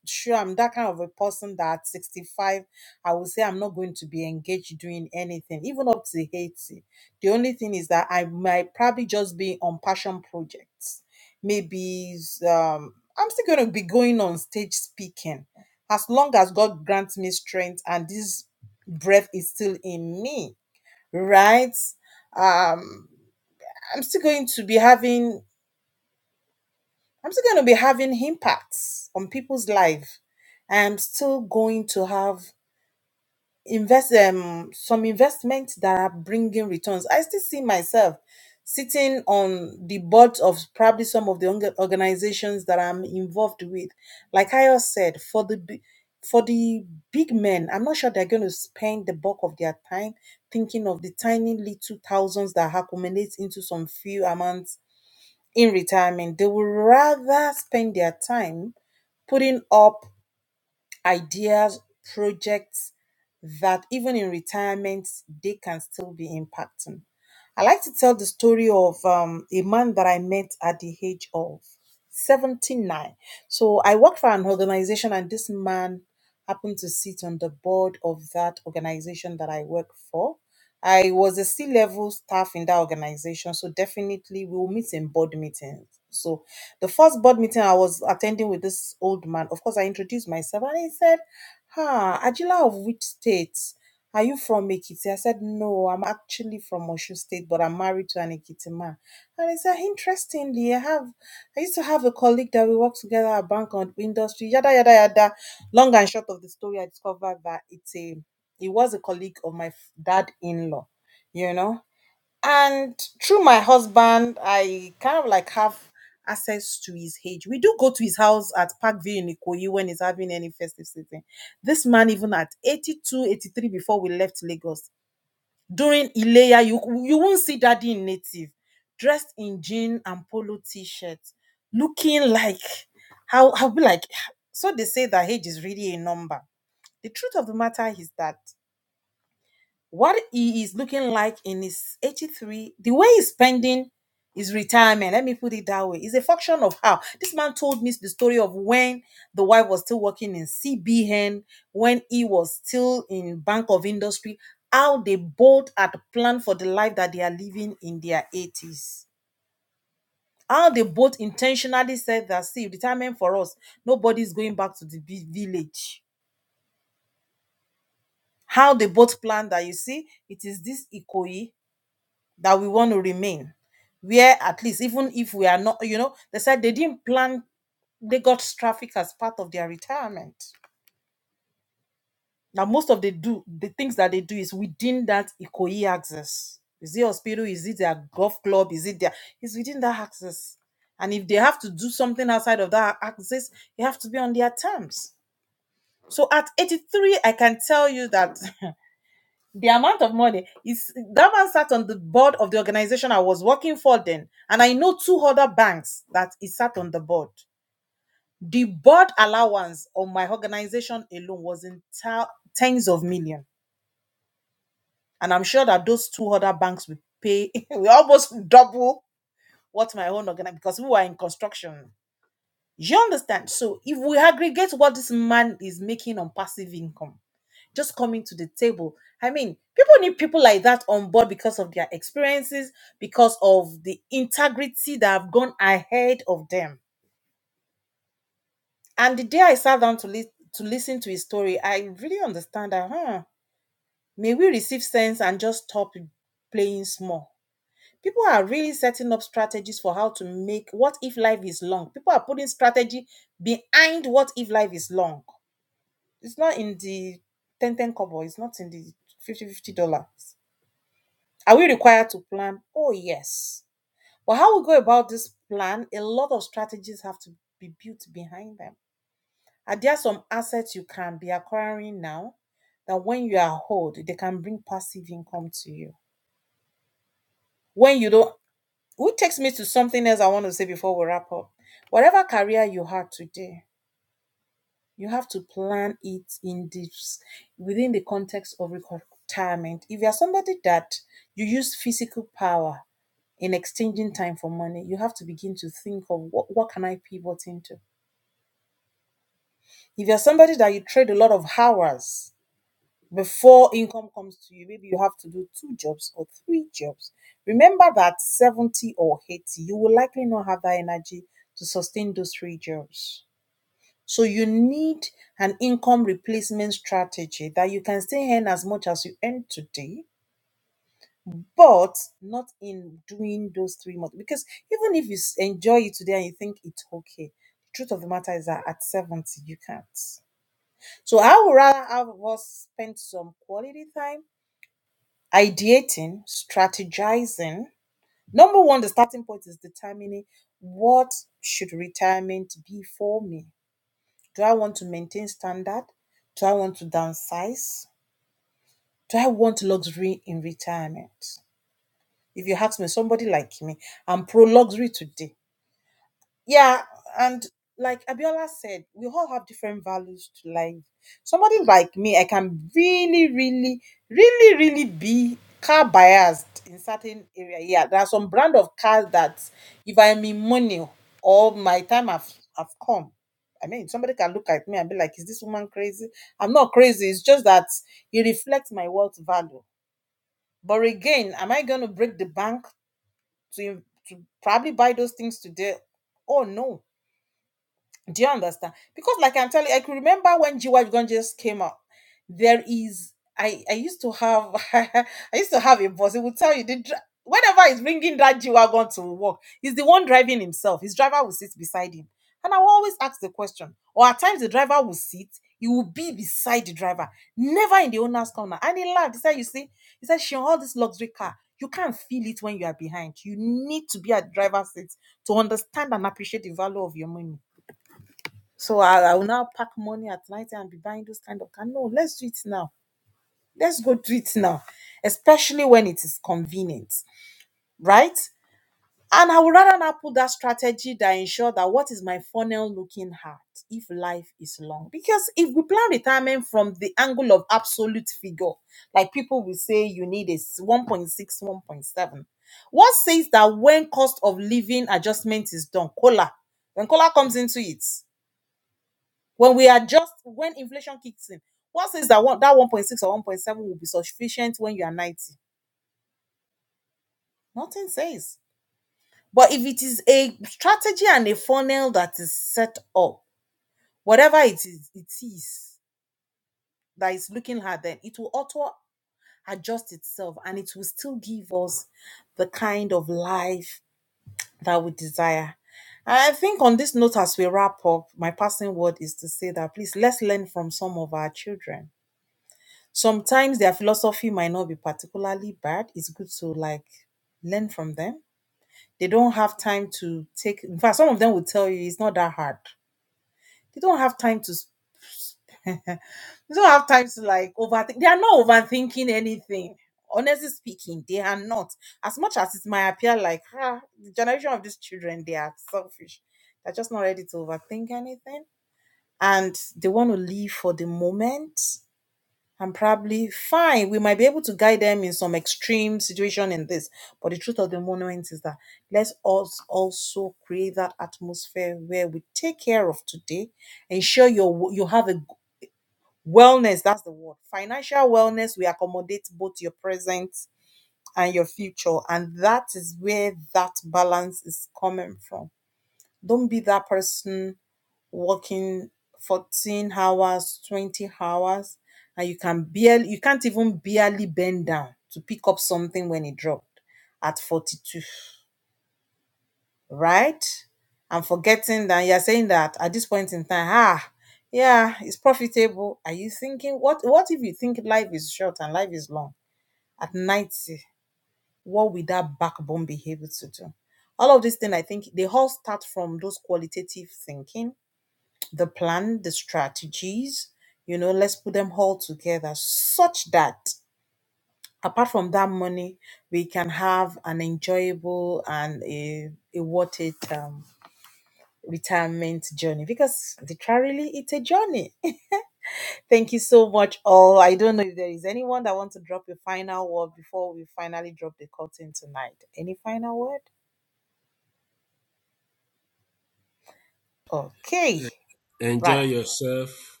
Speaker 3: Enjoy yourself.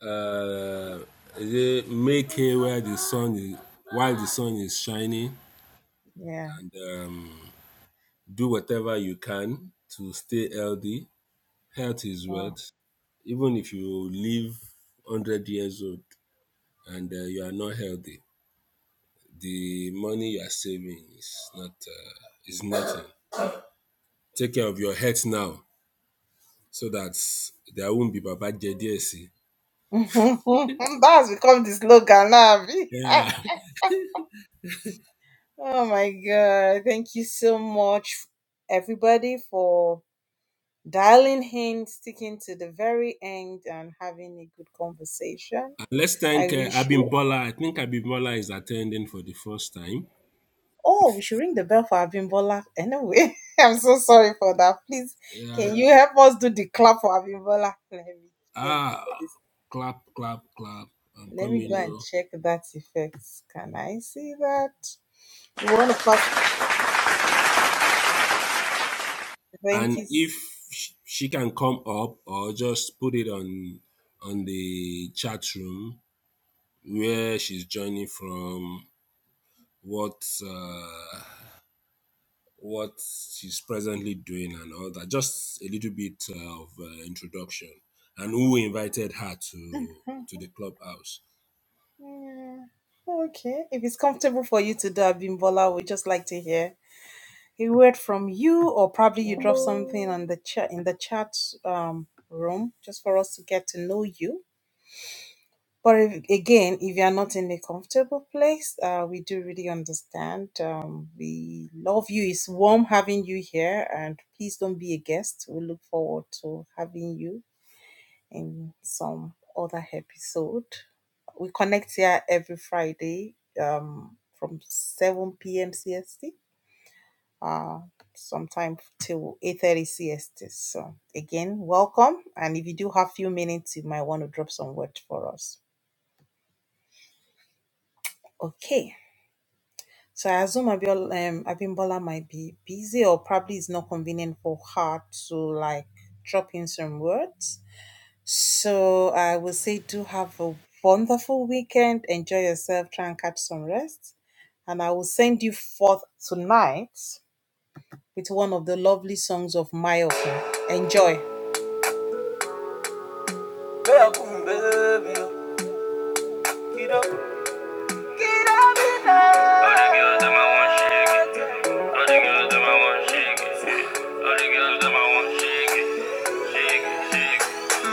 Speaker 3: Uh, make hay where the sun is while the sun is shining and um, do whatever you can to stay healthy. Health is wealth. even if you live 100 years old and uh, you are not healthy the money you are saving is not uh, is nothing take care of your health now so that there won't be baba jediesi yeah <laughs> And let's thank uh, abimbola i think abimbola is attending for the first time yeah ah clap clap clap i'm coming oh. and if sh- she can come up or just put it on on the chat room where she's joining from, what uh, what she's presently doing, and all that. Just a little bit uh, of uh, introduction, and who invited her to to the clubhouse.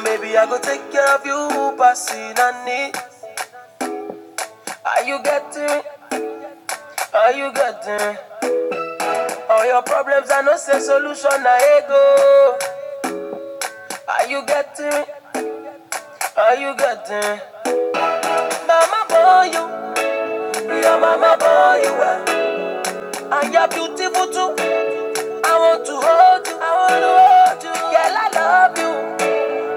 Speaker 1: Maybe I go take care of you, passing and need. Are you getting? Are you getting? All your problems are no say solution, I go. Are you getting? Are you getting? Mama boy, you, your mama boy, you are. And you're beautiful too. I want to hold you. I want to hold you. Girl, I love you.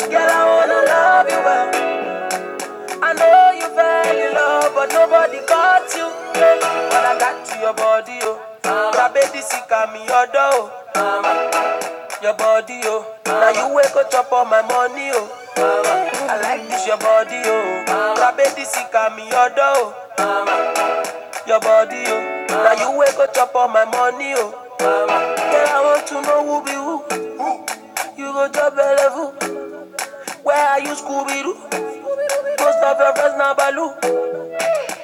Speaker 1: Girl, I wanna love you well. I know you fell in love, but nobody got you. When I got to your body, oh, Ah, my baby sick of me, your door, oh. Ah, your body, oh. Now you wake up chop all my money, oh. Ah, I like this your body, oh. Ah, My baby sick of me, your door, oh. your body, oh. Now you wake up chop all my money, oh. Ah, Girl, I want to know who be who. You go job level. Where are you, Scooby Doo? Most of your friends now, Baloo.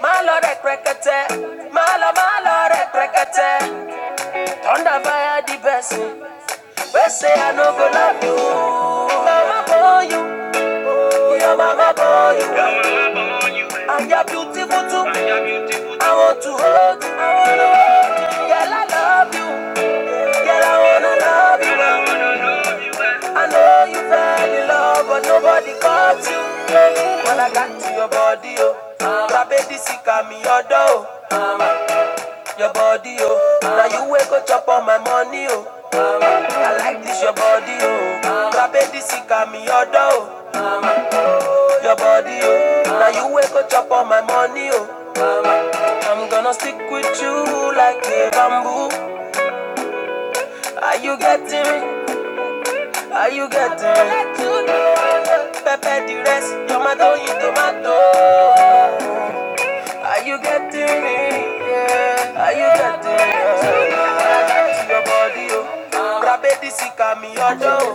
Speaker 1: Malo rek rekete, malo malo rek rekete. Thunder fire the best. we say I no go love you. Mama boy you, oh your mama boy you. And you're beautiful too, I want to hold you. Girl I love you, girl I wanna love you. well. I know you fell in love but nobody caught you. When I got to your body oh, ah, baby this is me your door. Your body, oh. Now you wake up, chop on my money, oh. I like this, your body, oh. Baby, this is me your door, oh. Your body, oh. Now you wake up, chop on my money, oh. I'm gonna stick with you like a bamboo. Are you getting me? Are you getting me? Pepe the rest, tomato, you tomato. Are you getting me? Yeah. Are you getting your dough?